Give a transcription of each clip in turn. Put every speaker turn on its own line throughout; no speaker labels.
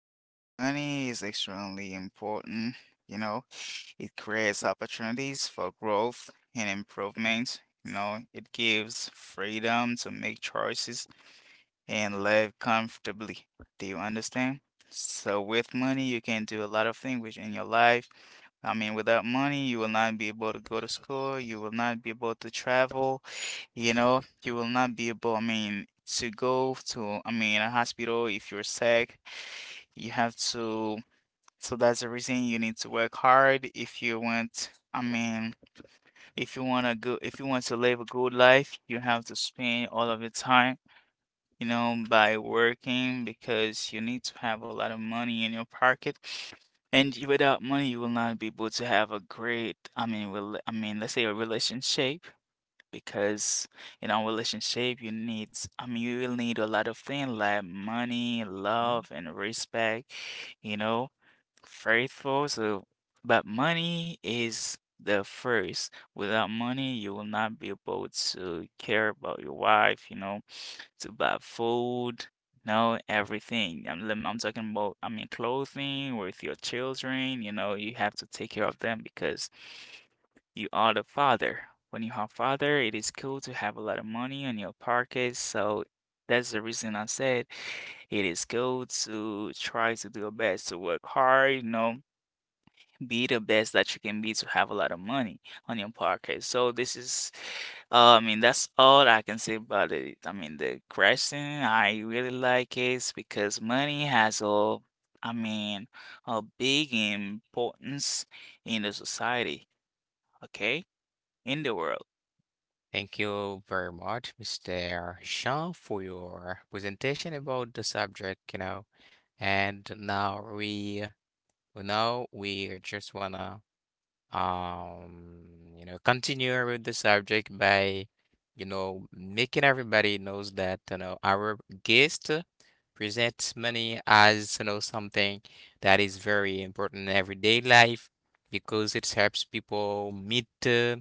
said, money is extremely important. You know, it creates opportunities for growth and improvement. You know, it gives freedom to make choices and live comfortably. Do you understand? So, with money, you can do a lot of things which in your life. I mean, without money, you will not be able to go to school. You will not be able to travel. You know, you will not be able, I mean, to go to, I mean, a hospital if you're sick you have to, so that's the reason you need to work hard if you want, I mean, if you want to go, if you want to live a good life, you have to spend all of your time, by working because you need to have a lot of money in your pocket. Without money, you will not be able to have a great, I mean, I mean, let's say a relationship, because in our relationship, you need, I mean, you will need a lot of things like money, love, and respect, you know faithful. So, but money is the first. Without money, you will not be able to care about your wife, to buy food, no, everything. I'm talking about, I mean, clothing with your children, you know, you have to take care of them because you are the father. When you have father, it is cool to have a lot of money in your pocket. So that's the reason I said it is cool to try to do your best to work hard, be the best that you can be to have a lot of money on your pocket. So this is, I mean, that's all I can say about it. I mean, the question I really like is because money has a, I mean, a big importance in the society, okay? In the world.
Thank you very much, Mr. Sean, for your presentation about the subject. And now we just wanna um continue with the subject by making everybody knows that our guest presents money as something that is very important in everyday life because it helps people meet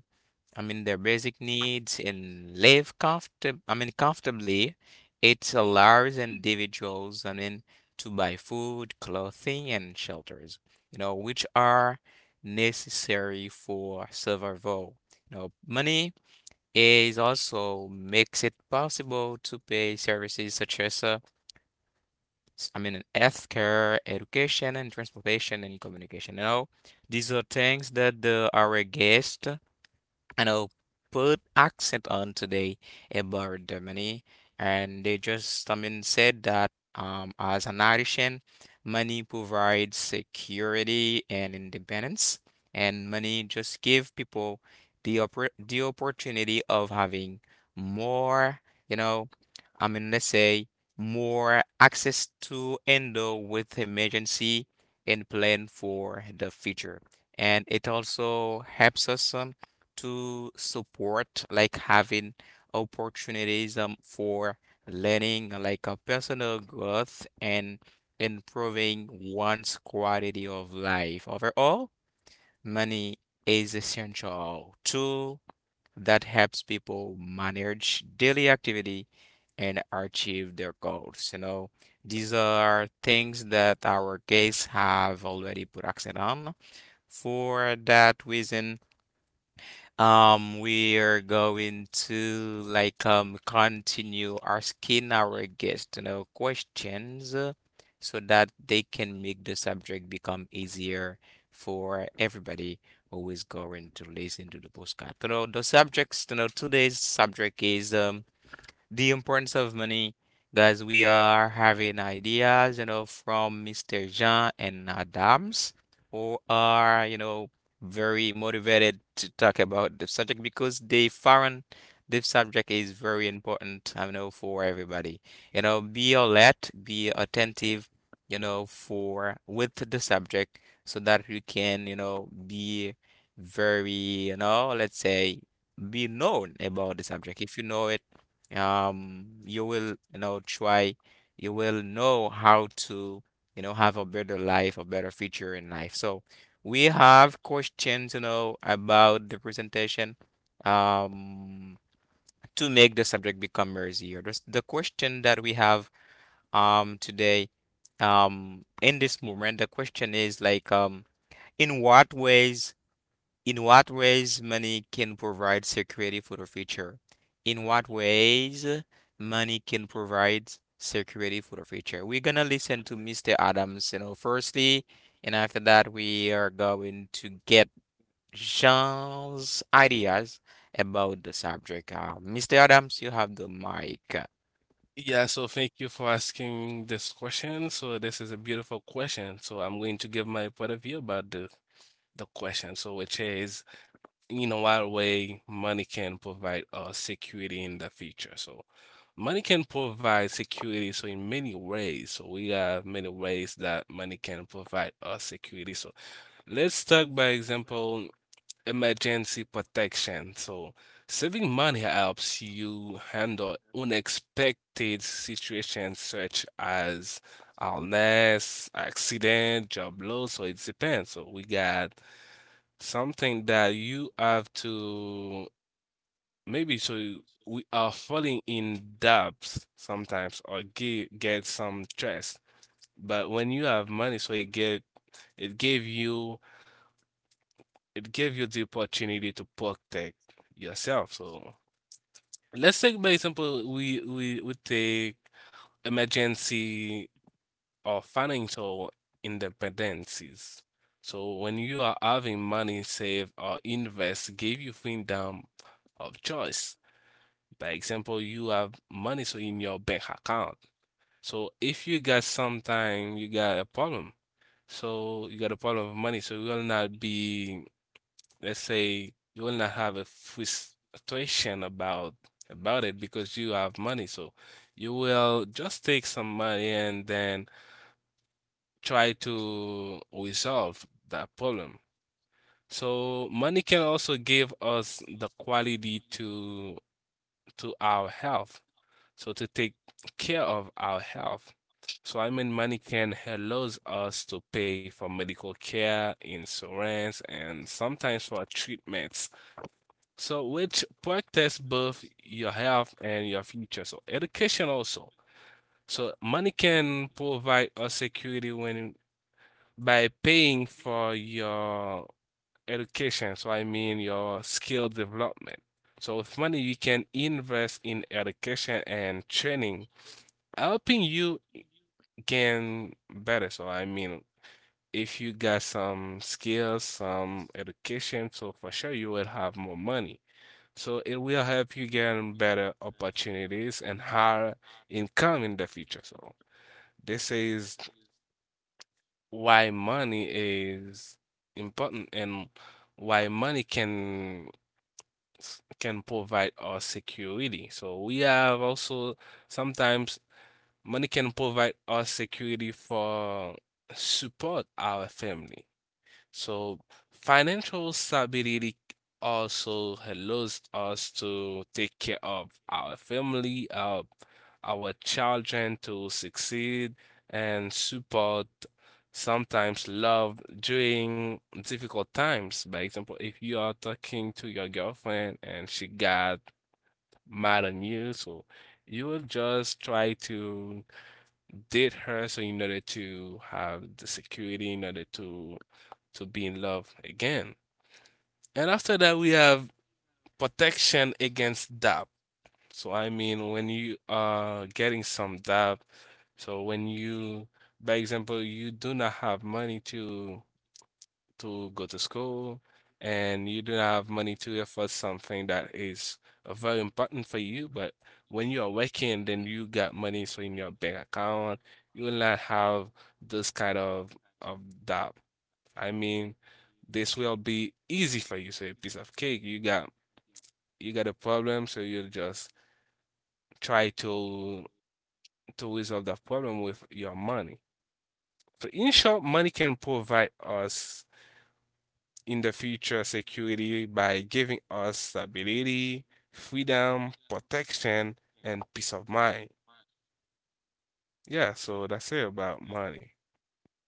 I mean, their basic needs and live comfort. I mean, comfortably. It allows individuals, I mean, to buy food, clothing, and shelters, you know, which are necessary for survival. Money is also makes it possible to pay services such as, I mean, healthcare, education, and transportation and communication. These are things that our guest and I'll put accent on today about money, and they just, I mean, said that as an nation, money provides security and independence, and money just give people the opportunity of having more, you know, I mean, let's say more access to handle with emergency and plan for the future. And it also helps us to support, like having opportunities for learning, like a personal growth, and improving one's quality of life. Overall, money is essential tool that helps people manage daily activity and achieve their goals. You know, these are things that our guests have already put accent on. For that reason, we are going to like continue asking our guests, questions so that they can make the subject become easier for everybody who is going to listen to the postcard. The subjects, today's subject is the importance of money. Guys, we are having ideas, from Mr. Jean and Adams, who are, very motivated to talk about the subject because they found this subject is very important, I know, for everybody. Be alert, be attentive, for with the subject so that you can, be very, let's say, be known about the subject. If you know it, you will, try, you will know how to, have a better life, a better future in life. So we have questions, about the presentation, um, to make the subject become easier. The question that we have, today, in this moment, the question is like, in what ways in what ways money can provide security for the future? In what ways money can provide security for the future? We're gonna listen to Mr. Adams, firstly, and after that, we are going to get Jean's ideas about the subject. Mr. Adams, you have the mic.
Yeah, so thank you for asking this question. So this is a beautiful question. So I'm going to give my point of view about the question. So which is, you know, what way money can provide us security in the future. So money can provide security. So in many ways. So we have many ways that money can provide us security. So let's talk by example, emergency protection. So saving money helps you handle unexpected situations such as illness, accident, job loss, so it depends. So we got something that you have to maybe so we are falling in debt sometimes or get some stress. But when you have money, so it get it gave you it gave you the opportunity to protect yourself. So let's take, by example, we would take emergency or financial independencies. So when you are having money saved or invest, give you freedom of choice. By example, you have money so in your bank account. So if you got sometime you got a problem. So you got a problem of money, so you will not be, let's say, you will not have a frustration about it because you have money. So you will just take some money and then try to resolve that problem. So money can also give us the quality to our health. So to take care of our health. So I mean, money can allows us to pay for medical care, insurance, and sometimes for treatments. So, which protects both your health and your future. So, education also. So, money can provide a security when by paying for your education. So, I mean, your skill development. So, with money, you can invest in education and training, helping you gain better. So, I mean, if you got some skills, some education, so for sure you will have more money. So it will help you get better opportunities and higher income in the future. So this is why money is important and why money can can provide us security. So we have also sometimes money can provide us security for support our family. So financial stability also allows us to take care of our family, our children to succeed and support sometimes love during difficult times. By example, if you are talking to your girlfriend and she got mad on you, so you will just try to date her so in order to have the security in order to be in love again. And after that, we have protection against doubt. So I mean, when you are getting some doubt, so when you, by example, you do not have money to go to school, and you don't have money to afford something that is very important for you. But when you are working, then you got money so in your bank account, you will not have this kind of of doubt. I mean, this will be easy for you. So a piece of cake, you got a problem, so you just try to resolve that problem with your money. So in short, money can provide us in the future security by giving us stability, freedom, protection, and peace of mind. Yeah, so that's it about money.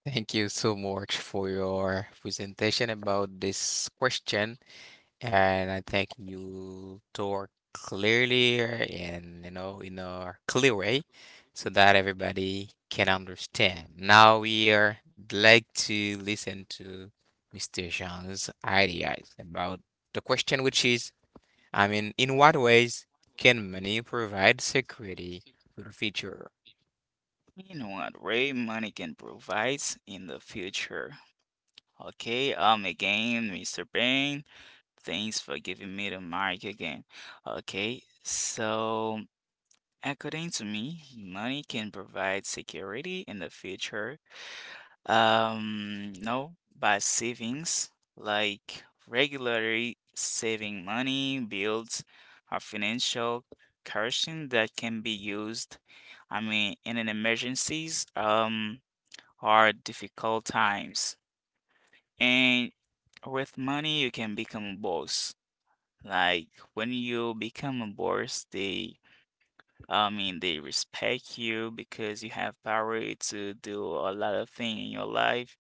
Thank you so much for your presentation about this question. And I think you talk clearly and in a clear way so that everybody can understand. Now we are like to listen to Mr. Jean's ideas about the question, which is, I mean, in what ways can money provide security for the future?
In what way money can provide in the future. Okay, again, Mr. Bang, thanks for giving me the mic again. Okay, so according to me, money can provide security in the future. No, by savings, like regularly saving money builds a financial cushion that can be used, I mean, in an emergencies, or difficult times. And with money, you can become a boss. Like when you become a boss, they I mean, they respect you because you have power to do a lot of things in your life.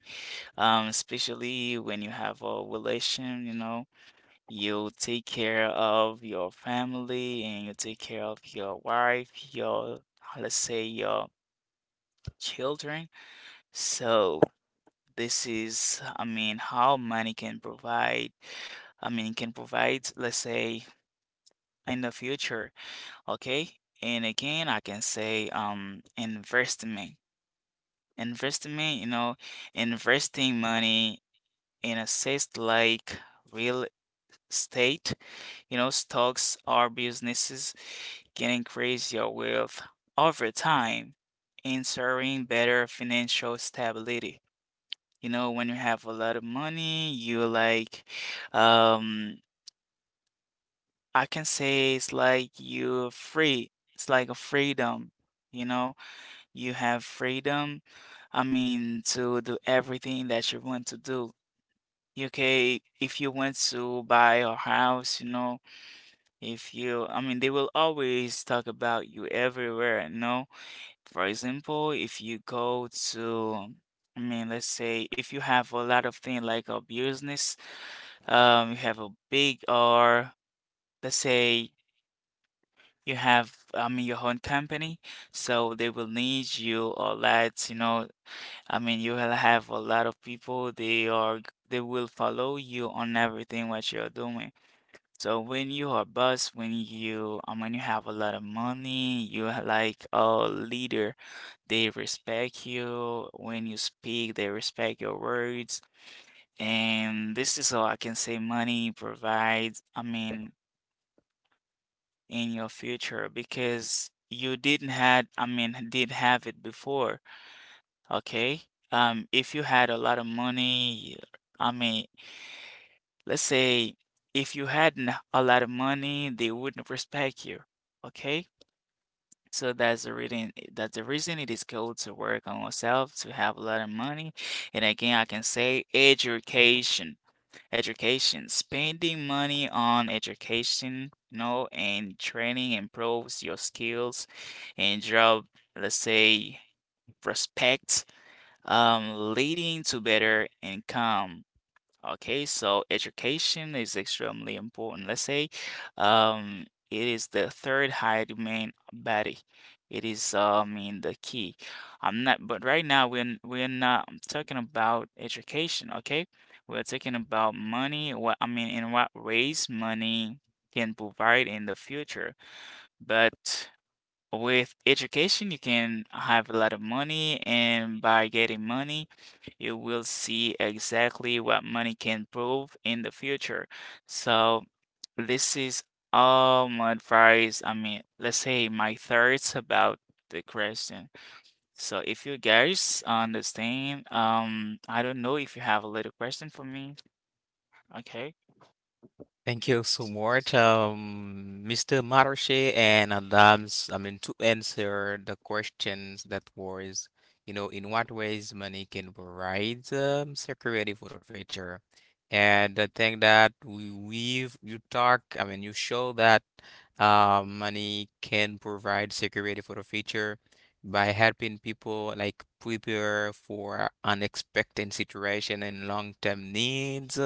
Especially when you have a relation, you know, you take care of your family and you take care of your wife, your, let's say, your children. So this is, I mean, how money can provide. I mean, can provide, let's say, in the future, okay? And again, I can say investment. Investment, you know, investing money in assets like real estate, you know, stocks or businesses can increase your wealth over time, ensuring better financial stability. You know, when you have a lot of money, you like, um, I can say it's like you're free. It's like a freedom, you know. You have freedom, I mean, to do everything that you want to do. Okay, if you want to buy a house, you know, if you, I mean, they will always talk about you everywhere, you know. For example, if you go to, I mean, let's say if you have a lot of things like a business, you have a big or let's say you have, I mean, your own company, so they will need you a lot, you know, I mean, you will have a lot of people, they will follow you on everything what you're doing. So when you are boss, when you, I mean, you have a lot of money, you are like a leader, they respect you. When you speak, they respect your words. And this is how I can say money provides, I mean, in your future because you didn't had, I mean, did have it before. Okay. If you had a lot of money, I mean, let's say if you hadn't a lot of money, they wouldn't respect you. Okay. So that's the reason it is good to work on yourself to have a lot of money. And again, I can say education, spending money on education, you know, and training improves your skills and job, let's say, respect leading to better income. Okay, so education is extremely important. Let's say it is the third high main body. It is, I mean, the key. I'm not, but right now we're not talking about education. Okay, we're talking about money. What I mean, in what ways money can provide in the future, but. With education, you can have a lot of money, and by getting money, you will see exactly what money can prove in the future. So, this is all my advice. I mean, let's say my thoughts about the question. So, if you guys understand, I don't know if you have a little question for me. Okay.
Thank you so much, Mr. Maroche and Adams. I mean, to answer the questions that was, in what ways money can provide security for the future. And I think that we've you talk, I mean, you show that money can provide security for the future by helping people like prepare for unexpected situation and long-term needs,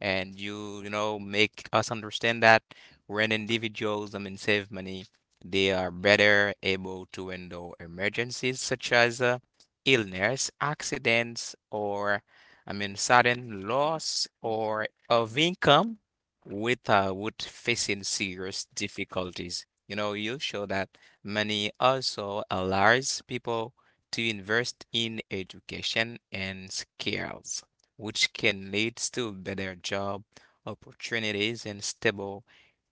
and you know make us understand that when individuals, I mean, save money, they are better able to handle emergencies such as illness, accidents, or I mean sudden loss or of income without facing serious difficulties. You know, you show that money also allows people to invest in education and skills which can lead to better job opportunities and stable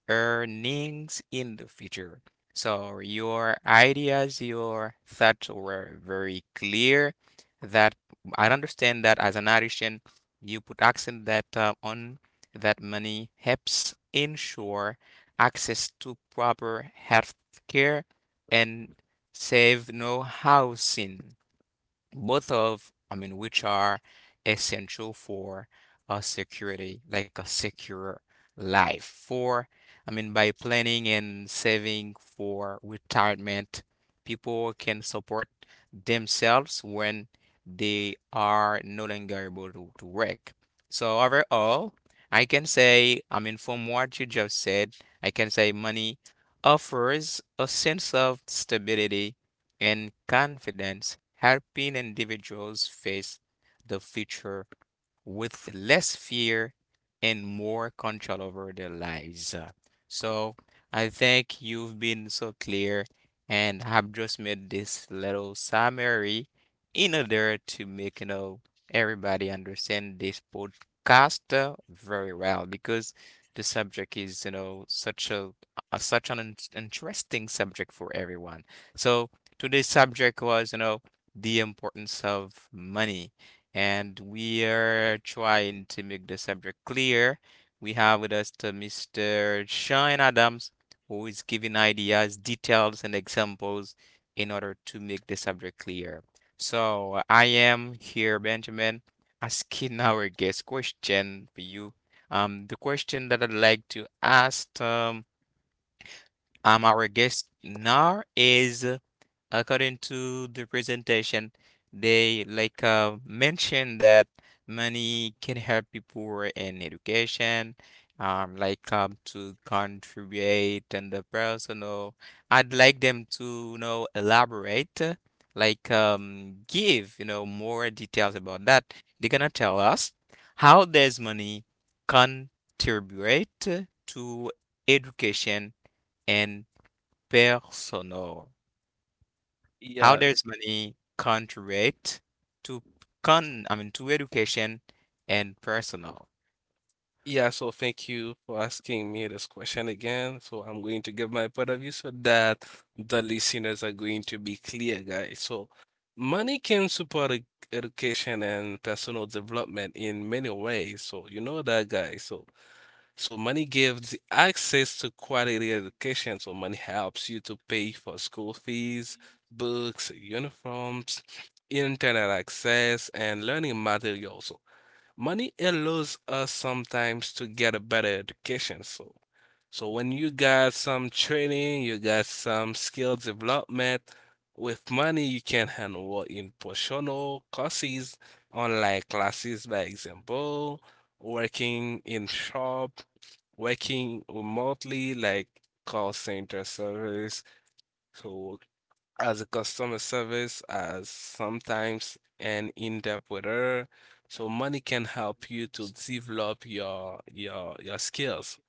earnings in the future. So your ideas, your thoughts were very clear, that I understand that, as an Irishman, you put accent that on that money helps ensure access to proper health care and save no housing, both of, I mean, which are essential for a security, like a secure life. For, I mean, by planning and saving for retirement, people can support themselves when they are no longer able to work. So overall, I can say, I mean, from what you just said, I can say money offers a sense of stability and confidence, helping individuals face the future with less fear and more control over their lives. So I think you've been so clear and have just made this little summary in order to make, everybody understand this podcast very well because the subject is, such a such an in- interesting subject for everyone. So today's subject was, the importance of money, and we are trying to make the subject clear. We have with us to Mr. Sean Adams, who is giving ideas, details, and examples in order to make the subject clear. So I am here, Benjamin, asking our guest question for you. The question that I'd like to ask our guest now is, according to the presentation, they like mentioned that money can help people in education, like to contribute and the personal. I'd like them to, elaborate, like give, more details about that. They're gonna tell us, how does money contribute to education and personal? How
Yeah,
does money contribute to con I mean to education and personal?
yeah, so thank you for asking me this question again. So I'm going to give my point of view so that the listeners are going to be clear, guys. So money can support education and personal development in many ways. So you know that, guys. So money gives the access to quality education. So money helps you to pay for school fees, books, uniforms, internet access, and learning materials. So money allows us sometimes to get a better education. So, so when you got some training, you got some skill development, with money you can handle in personal courses, online classes, by example, working in shop, working remotely like call center service. So as a customer service, as sometimes an interpreter. So money can help you to develop your skills.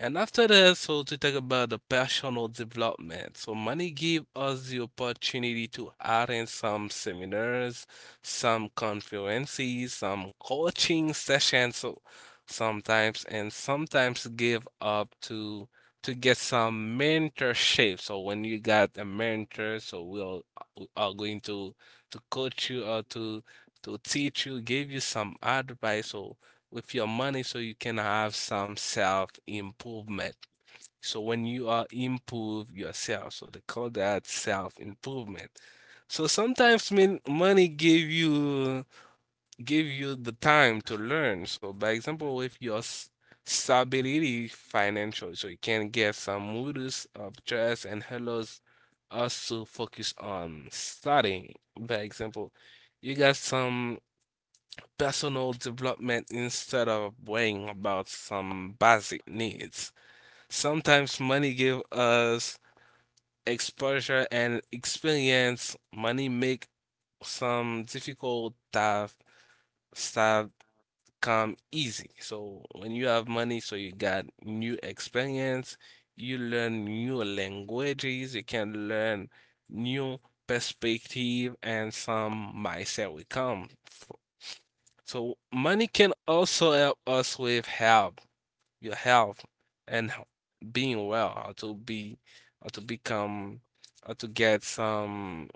And after that, so to talk about the personal development. So money give us the opportunity to attend some seminars, some conferences, some coaching sessions, so sometimes and sometimes give up to get some mentorship. So when you got a mentor, so we'll we are going to coach you or to teach you, give you some advice. So with your money so you can have some self improvement. So when you are improve yourself, so they call that self improvement. So sometimes mean money give you the time to learn. So by example, if your stability financial, so you can get some moods of stress and hellos us to focus on studying. By example, you got some personal development instead of worrying about some basic needs. Sometimes money give us exposure and experience. Money make some difficult stuff come easy. So when you have money, so you got new experience, you learn new languages, you can learn new perspective and some mindset will come. So money can also help us with health, your health, and being well, or to be, or to become, or to get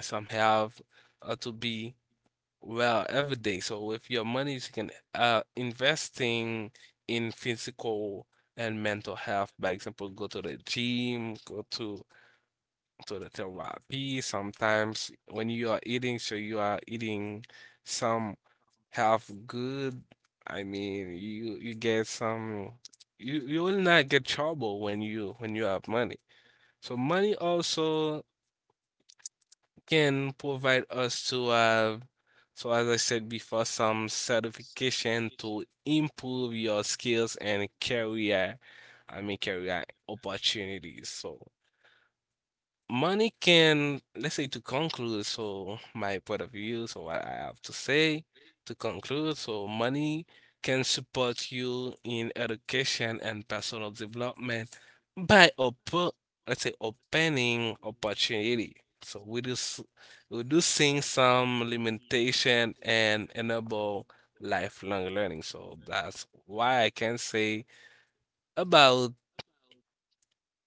some health, or to be well every day. So with your money, you can investing in physical and mental health. By example, go to the gym, go to the therapy. Sometimes when you are eating, so you are eating some have good, I mean, you get some, you will not get trouble when you have money. So money also can provide us to have, so as I said before, some certification to improve your skills and career, I mean, career opportunities. So money can, let's say, to conclude, so my point of view, so what I have to say to conclude, so money can support you in education and personal development by op let's say opening opportunity. So we reduce reducing some limitation and enable lifelong learning. So that's why I can say about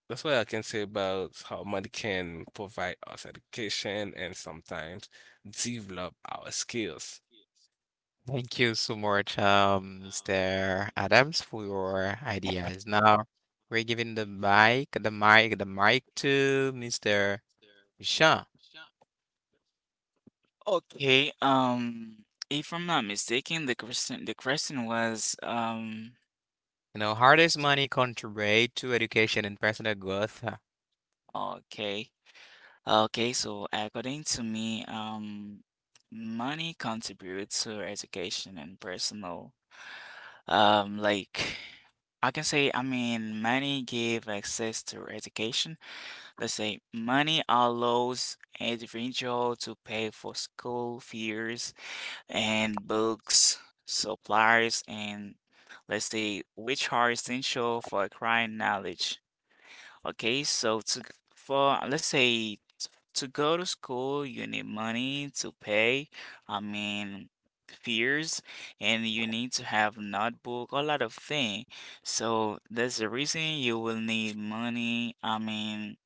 that's what I can say about how money can provide us education and sometimes develop our skills.
Thank you so much, Mr. Adams, for your ideas. Now we're giving the mic to Mr. Sure.
Okay, if I'm not mistaken, the question was
Hardest money contribute to education and personal growth. Uh,
okay. Okay, so according to me, money contributes to education and personal like I can say I mean money gave access to education. Let's say money allows individual to pay for school fees and books, supplies, and let's say which are essential for acquiring knowledge. Okay, so to for let's say to go to school, you need money to pay. I mean fears and you need to have notebook a lot of thing so that's the reason you will need money I mean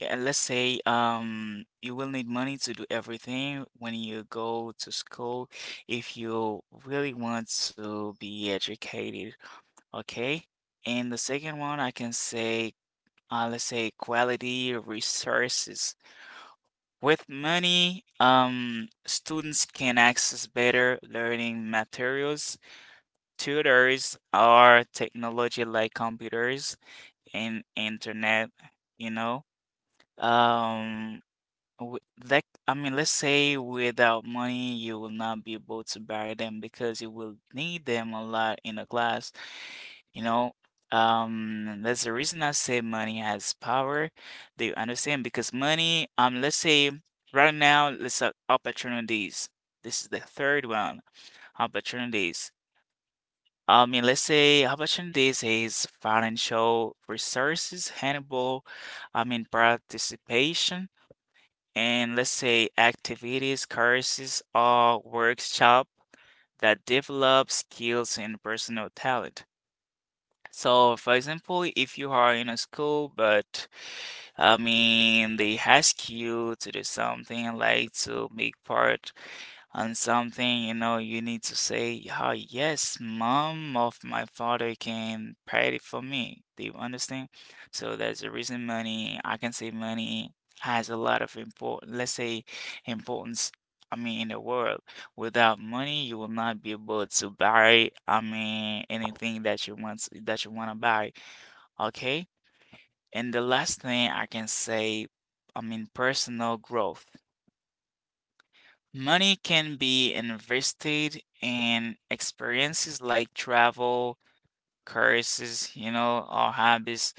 yeah, let's say you will need money to do everything when you go to school if you really want to be educated, okay? And the second one I can say let's say quality resources. With money, students can access better learning materials, tutors or technology like computers and internet, you know. Um Like, I mean, let's say without money, you will not be able to buy them because you will need them a lot in a class. You know, that's the reason I say money has power. Do you understand? Because money, let's say right now, let's say opportunities. This is the third one, opportunities. I mean, let's say opportunities is financial resources, handable, I mean, participation and let's say activities, courses, or workshop that develop skills and personal talent. So, for example, if you are in a school, but I mean, they ask you to do something like to make part on something, you know, you need to say, "Ah, yes, mom of my father can pray it for me." Do you understand? So that's the reason money, I can say money has a lot of import, let's say importance, I mean, in the world. Without money, you will not be able to buy, I mean, anything that you want to buy, okay? And the last thing I can say, I mean, personal growth. Money can be invested in experiences like travel, courses, you know, or hobbies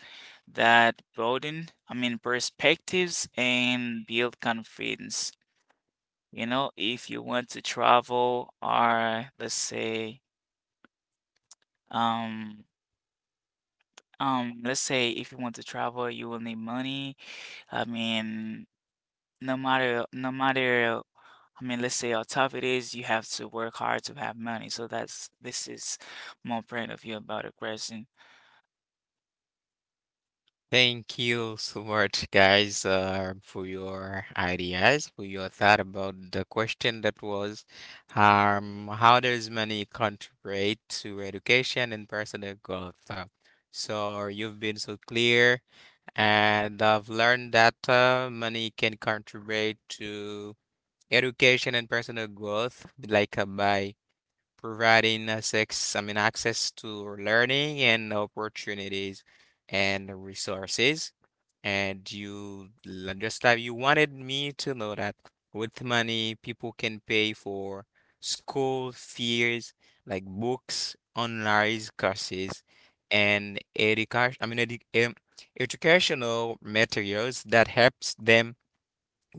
that broaden, I mean, perspectives and build confidence. You know, if you want to travel or um, let's say if you want to travel, you will need money. I mean, no matter no matter, I mean, let's say how tough it is, you have to work hard to have money. So that's this is my point of view about the question.
Thank you so much, guys, for your ideas, for your thought about the question that was, how does money contribute to education and personal growth? So you've been so clear, and I've learned that money can contribute to education and personal growth, like by providing us ex I mean, access to learning and opportunities and resources. And you, just like you wanted me to know that with money, people can pay for school fees, like books, online courses, and education, I mean, um, educational materials that helps them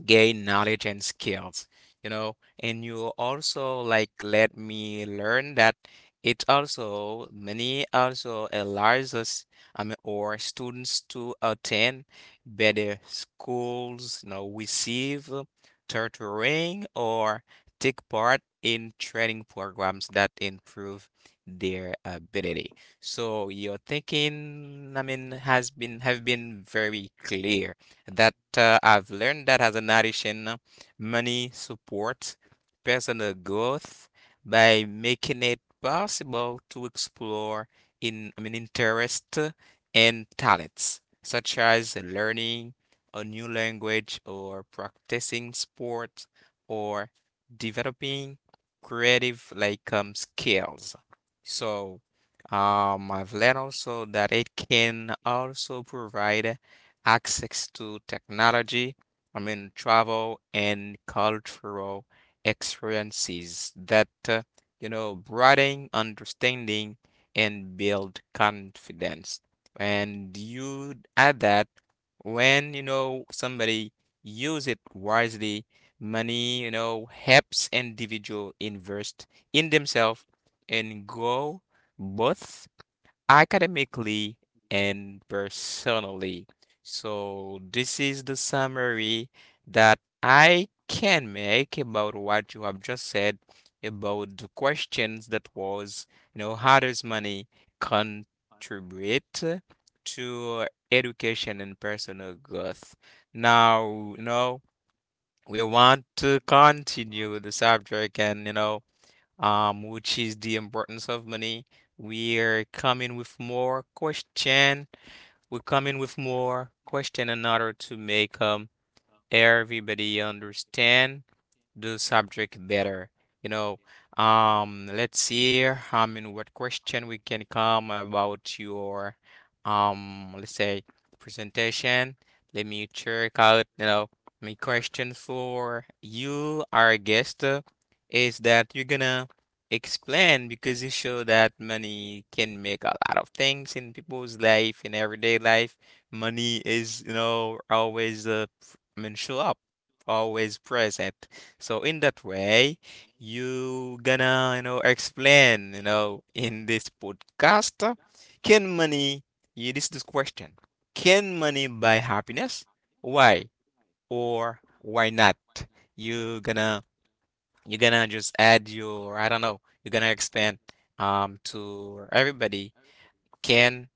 gain knowledge and skills, and you also like let me learn that it also many also allows us, I mean, or students to attend better schools, receive tutoring or take part in training programs that improve their ability. So your thinking, I mean, has been have been very clear, that I've learned that, as a narration, money supports personal growth by making it possible to explore in I mean interest and talents, such as learning a new language or practicing sport or developing creative like skills. So I've learned also that it can also provide access to technology, I mean, travel and cultural experiences that, broaden understanding and build confidence. And you add that when, somebody use it wisely, money, helps individual invest in themselves and grow both academically and personally. So this is the summary that I can make about what you have just said about the questions that was, how does money contribute to education and personal growth? Now, we want to continue the subject and, which is the importance of money. We're coming with more question. We're coming with more question in order to make everybody understand the subject better. You know, let's see, I mean, what question we can come about your, let's say, presentation. Let me check out, my question for you, our guest, is that you're gonna explain, because you show that money can make a lot of things in people's life, in everyday life. Money is, always I mean, show up, always present. So in that way, you gonna, explain, in this podcast, can money, yeah, this question, can money buy happiness? Why or why not? You gonna, you gonna just add your, I don't know, you're gonna expand, to everybody. Can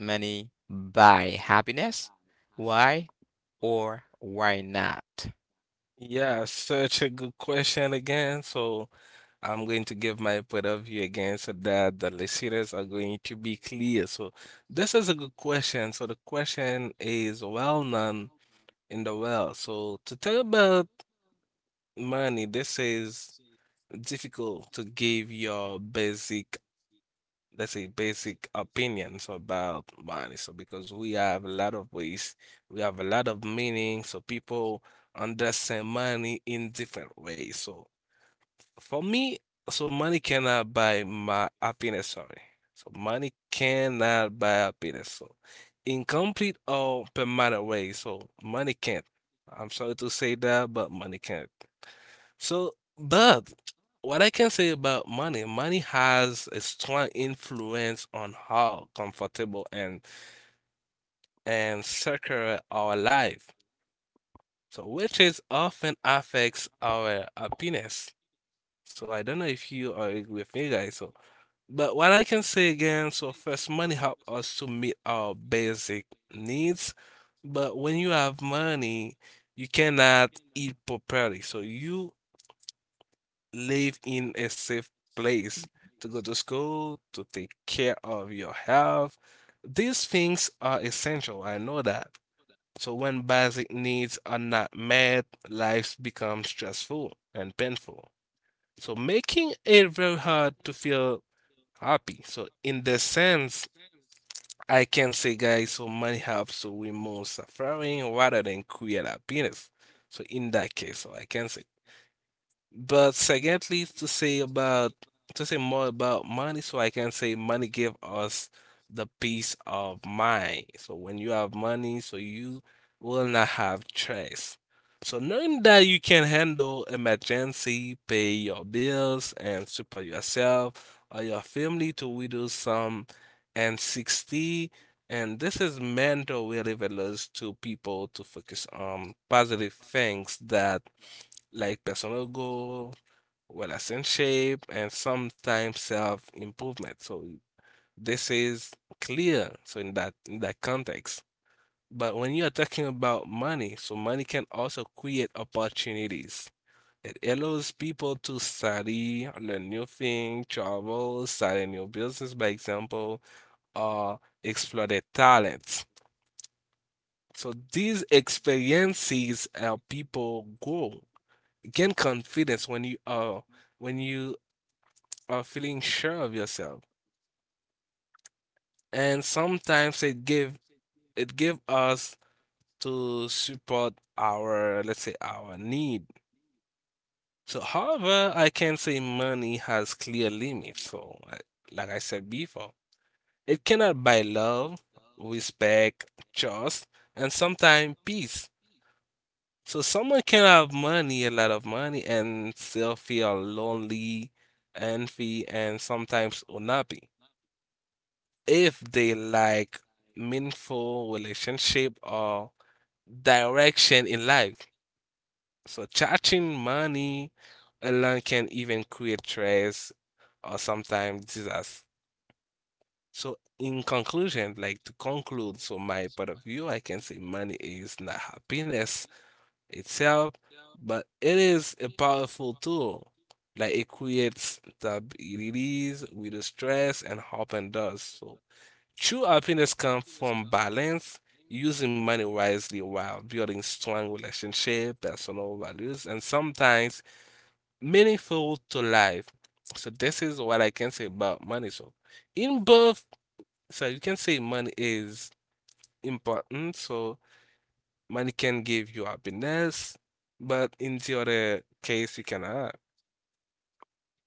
money buy happiness? Why or why not?
Yeah, such a good question again. So I'm going to give my point of view again so that the listeners are going to be clear. So this is a good question. So the question is well known in the world. So to talk about money, this is difficult to give your basic, let's say, basic opinions about money. So because we have a lot of ways, we have a lot of meaning. So people understand money in different ways. So for me, so money cannot buy my happiness, sorry. So money cannot buy happiness. So in complete or permanent way. So money can't. I'm sorry to say that, but money can't. So, but what I can say about money, money has a strong influence on how comfortable and secure our life. So, which is often affects our happiness. So I don't know if you are with me, guys. So but what I can say again, so first money help us to meet our basic needs, but when you have money, you cannot eat properly. So you live in a safe place to go to school, to take care of your health. These things are essential. I know that. So when basic needs are not met, life becomes stressful and painful. So making it very hard to feel happy. So in the sense, I can say, guys, so money helps so remove suffering rather than create happiness. So in that case, so I can say. But secondly, to say about to say more about money, so I can say money give us the peace of mind. So when you have money, so you will not have stress. So knowing that you can handle emergency, pay your bills, and support yourself or your family to widow some and 60. And this is mental relevance to people to focus on positive things that like personal goal well as in shape and sometimes self-improvement. So this is clear. So in that context. But when you are talking about money, so money can also create opportunities. It allows people to study, learn new things, travel, start a new business, by example, or explore their talents. So these experiences help people grow, gain confidence when you are feeling sure of yourself, and sometimes it give us to support our, let's say, our need. So however, I can say money has clear limits. So like I said before, it cannot buy love, respect, trust, and sometimes peace. So someone can have money, a lot of money, and still feel lonely, envy, and sometimes unhappy if they like meaningful relationship or direction in life. So charging money alone can even create stress or sometimes disaster. So in conclusion, like to conclude, so my point of view, I can say money is not happiness itself, but it is a powerful tool. Like it creates stabilities, with the stress and hope and does. So true happiness comes from balance, using money wisely while building strong relationship, personal values, and sometimes meaningful to life. So this is what I can say about money. So in both, so you can say money is important. So money can give you happiness, but in the other case, you cannot.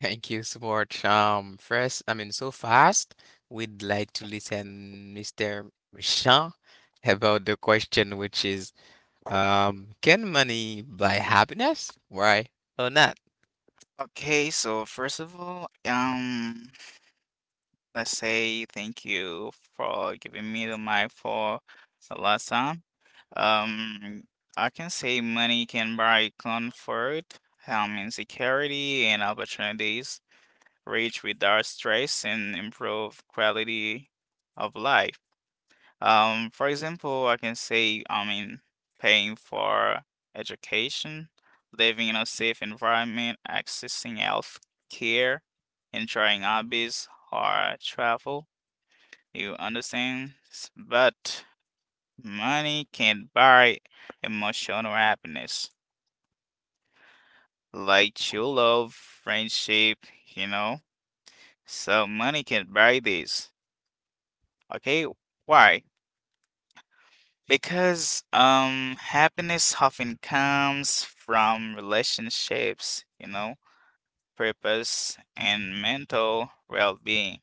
Thank you so much. First, I mean, so fast, we'd like to listen Mr. Michon, about the question, which is, can money buy happiness? Why or not?
Okay, so first of all, let's say thank you for giving me the mic for the last time. Um, I can say money can buy comfort, insecurity, and opportunities. Reach without stress and improve quality of life. For example, I can say, I mean, paying for education, living in a safe environment, accessing health care, enjoying hobbies or travel. You understand? But money can't buy emotional happiness, like true love, friendship, you know? So money can buy this. Okay, why? Because happiness often comes from relationships, you know, purpose and mental well-being,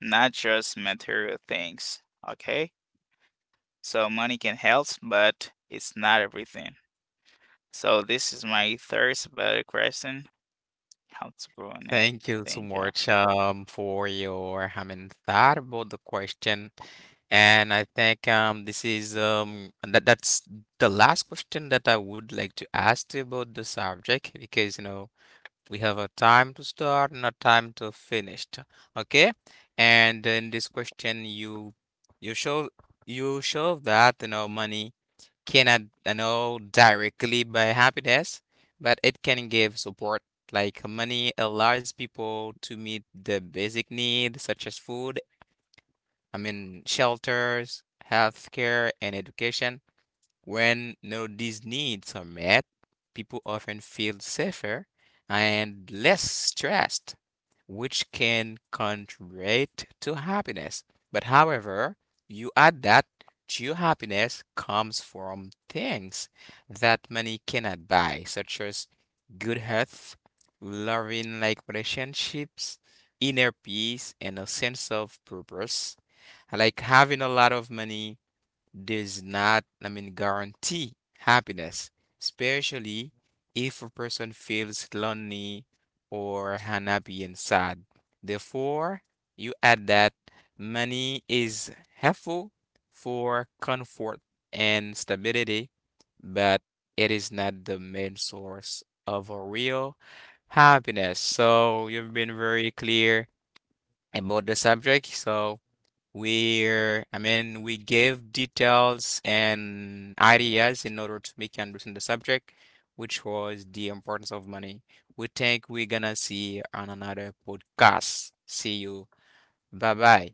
not just material things, okay? So money can help, but it's not everything. So this is my third better question. How to grow on it.
Thank you so
Thank you.
much, for your, I mean, thought about the question. And I think this is that's the last question that I would like to ask you about the subject, because we have a time to start and a time to finish. Okay. And in this question, you show you show that money cannot directly buy happiness, but it can give support. Like, money allows people to meet the basic needs such as food, I mean, shelters, healthcare, and education. When, these needs are met, people often feel safer and less stressed, which can contribute to happiness. But however, you add that true happiness comes from things that money cannot buy, such as good health, loving like relationships, inner peace, and a sense of purpose. Like, having a lot of money does not, I mean, guarantee happiness, especially if a person feels lonely or unhappy and sad. Therefore, you add that money is helpful for comfort and stability, but it is not the main source of a real happiness. So you've been very clear about the subject. So where I mean we give details and ideas in order to make you understand the subject, which was the importance of money. We think we're gonna see on another podcast. See you. Bye bye.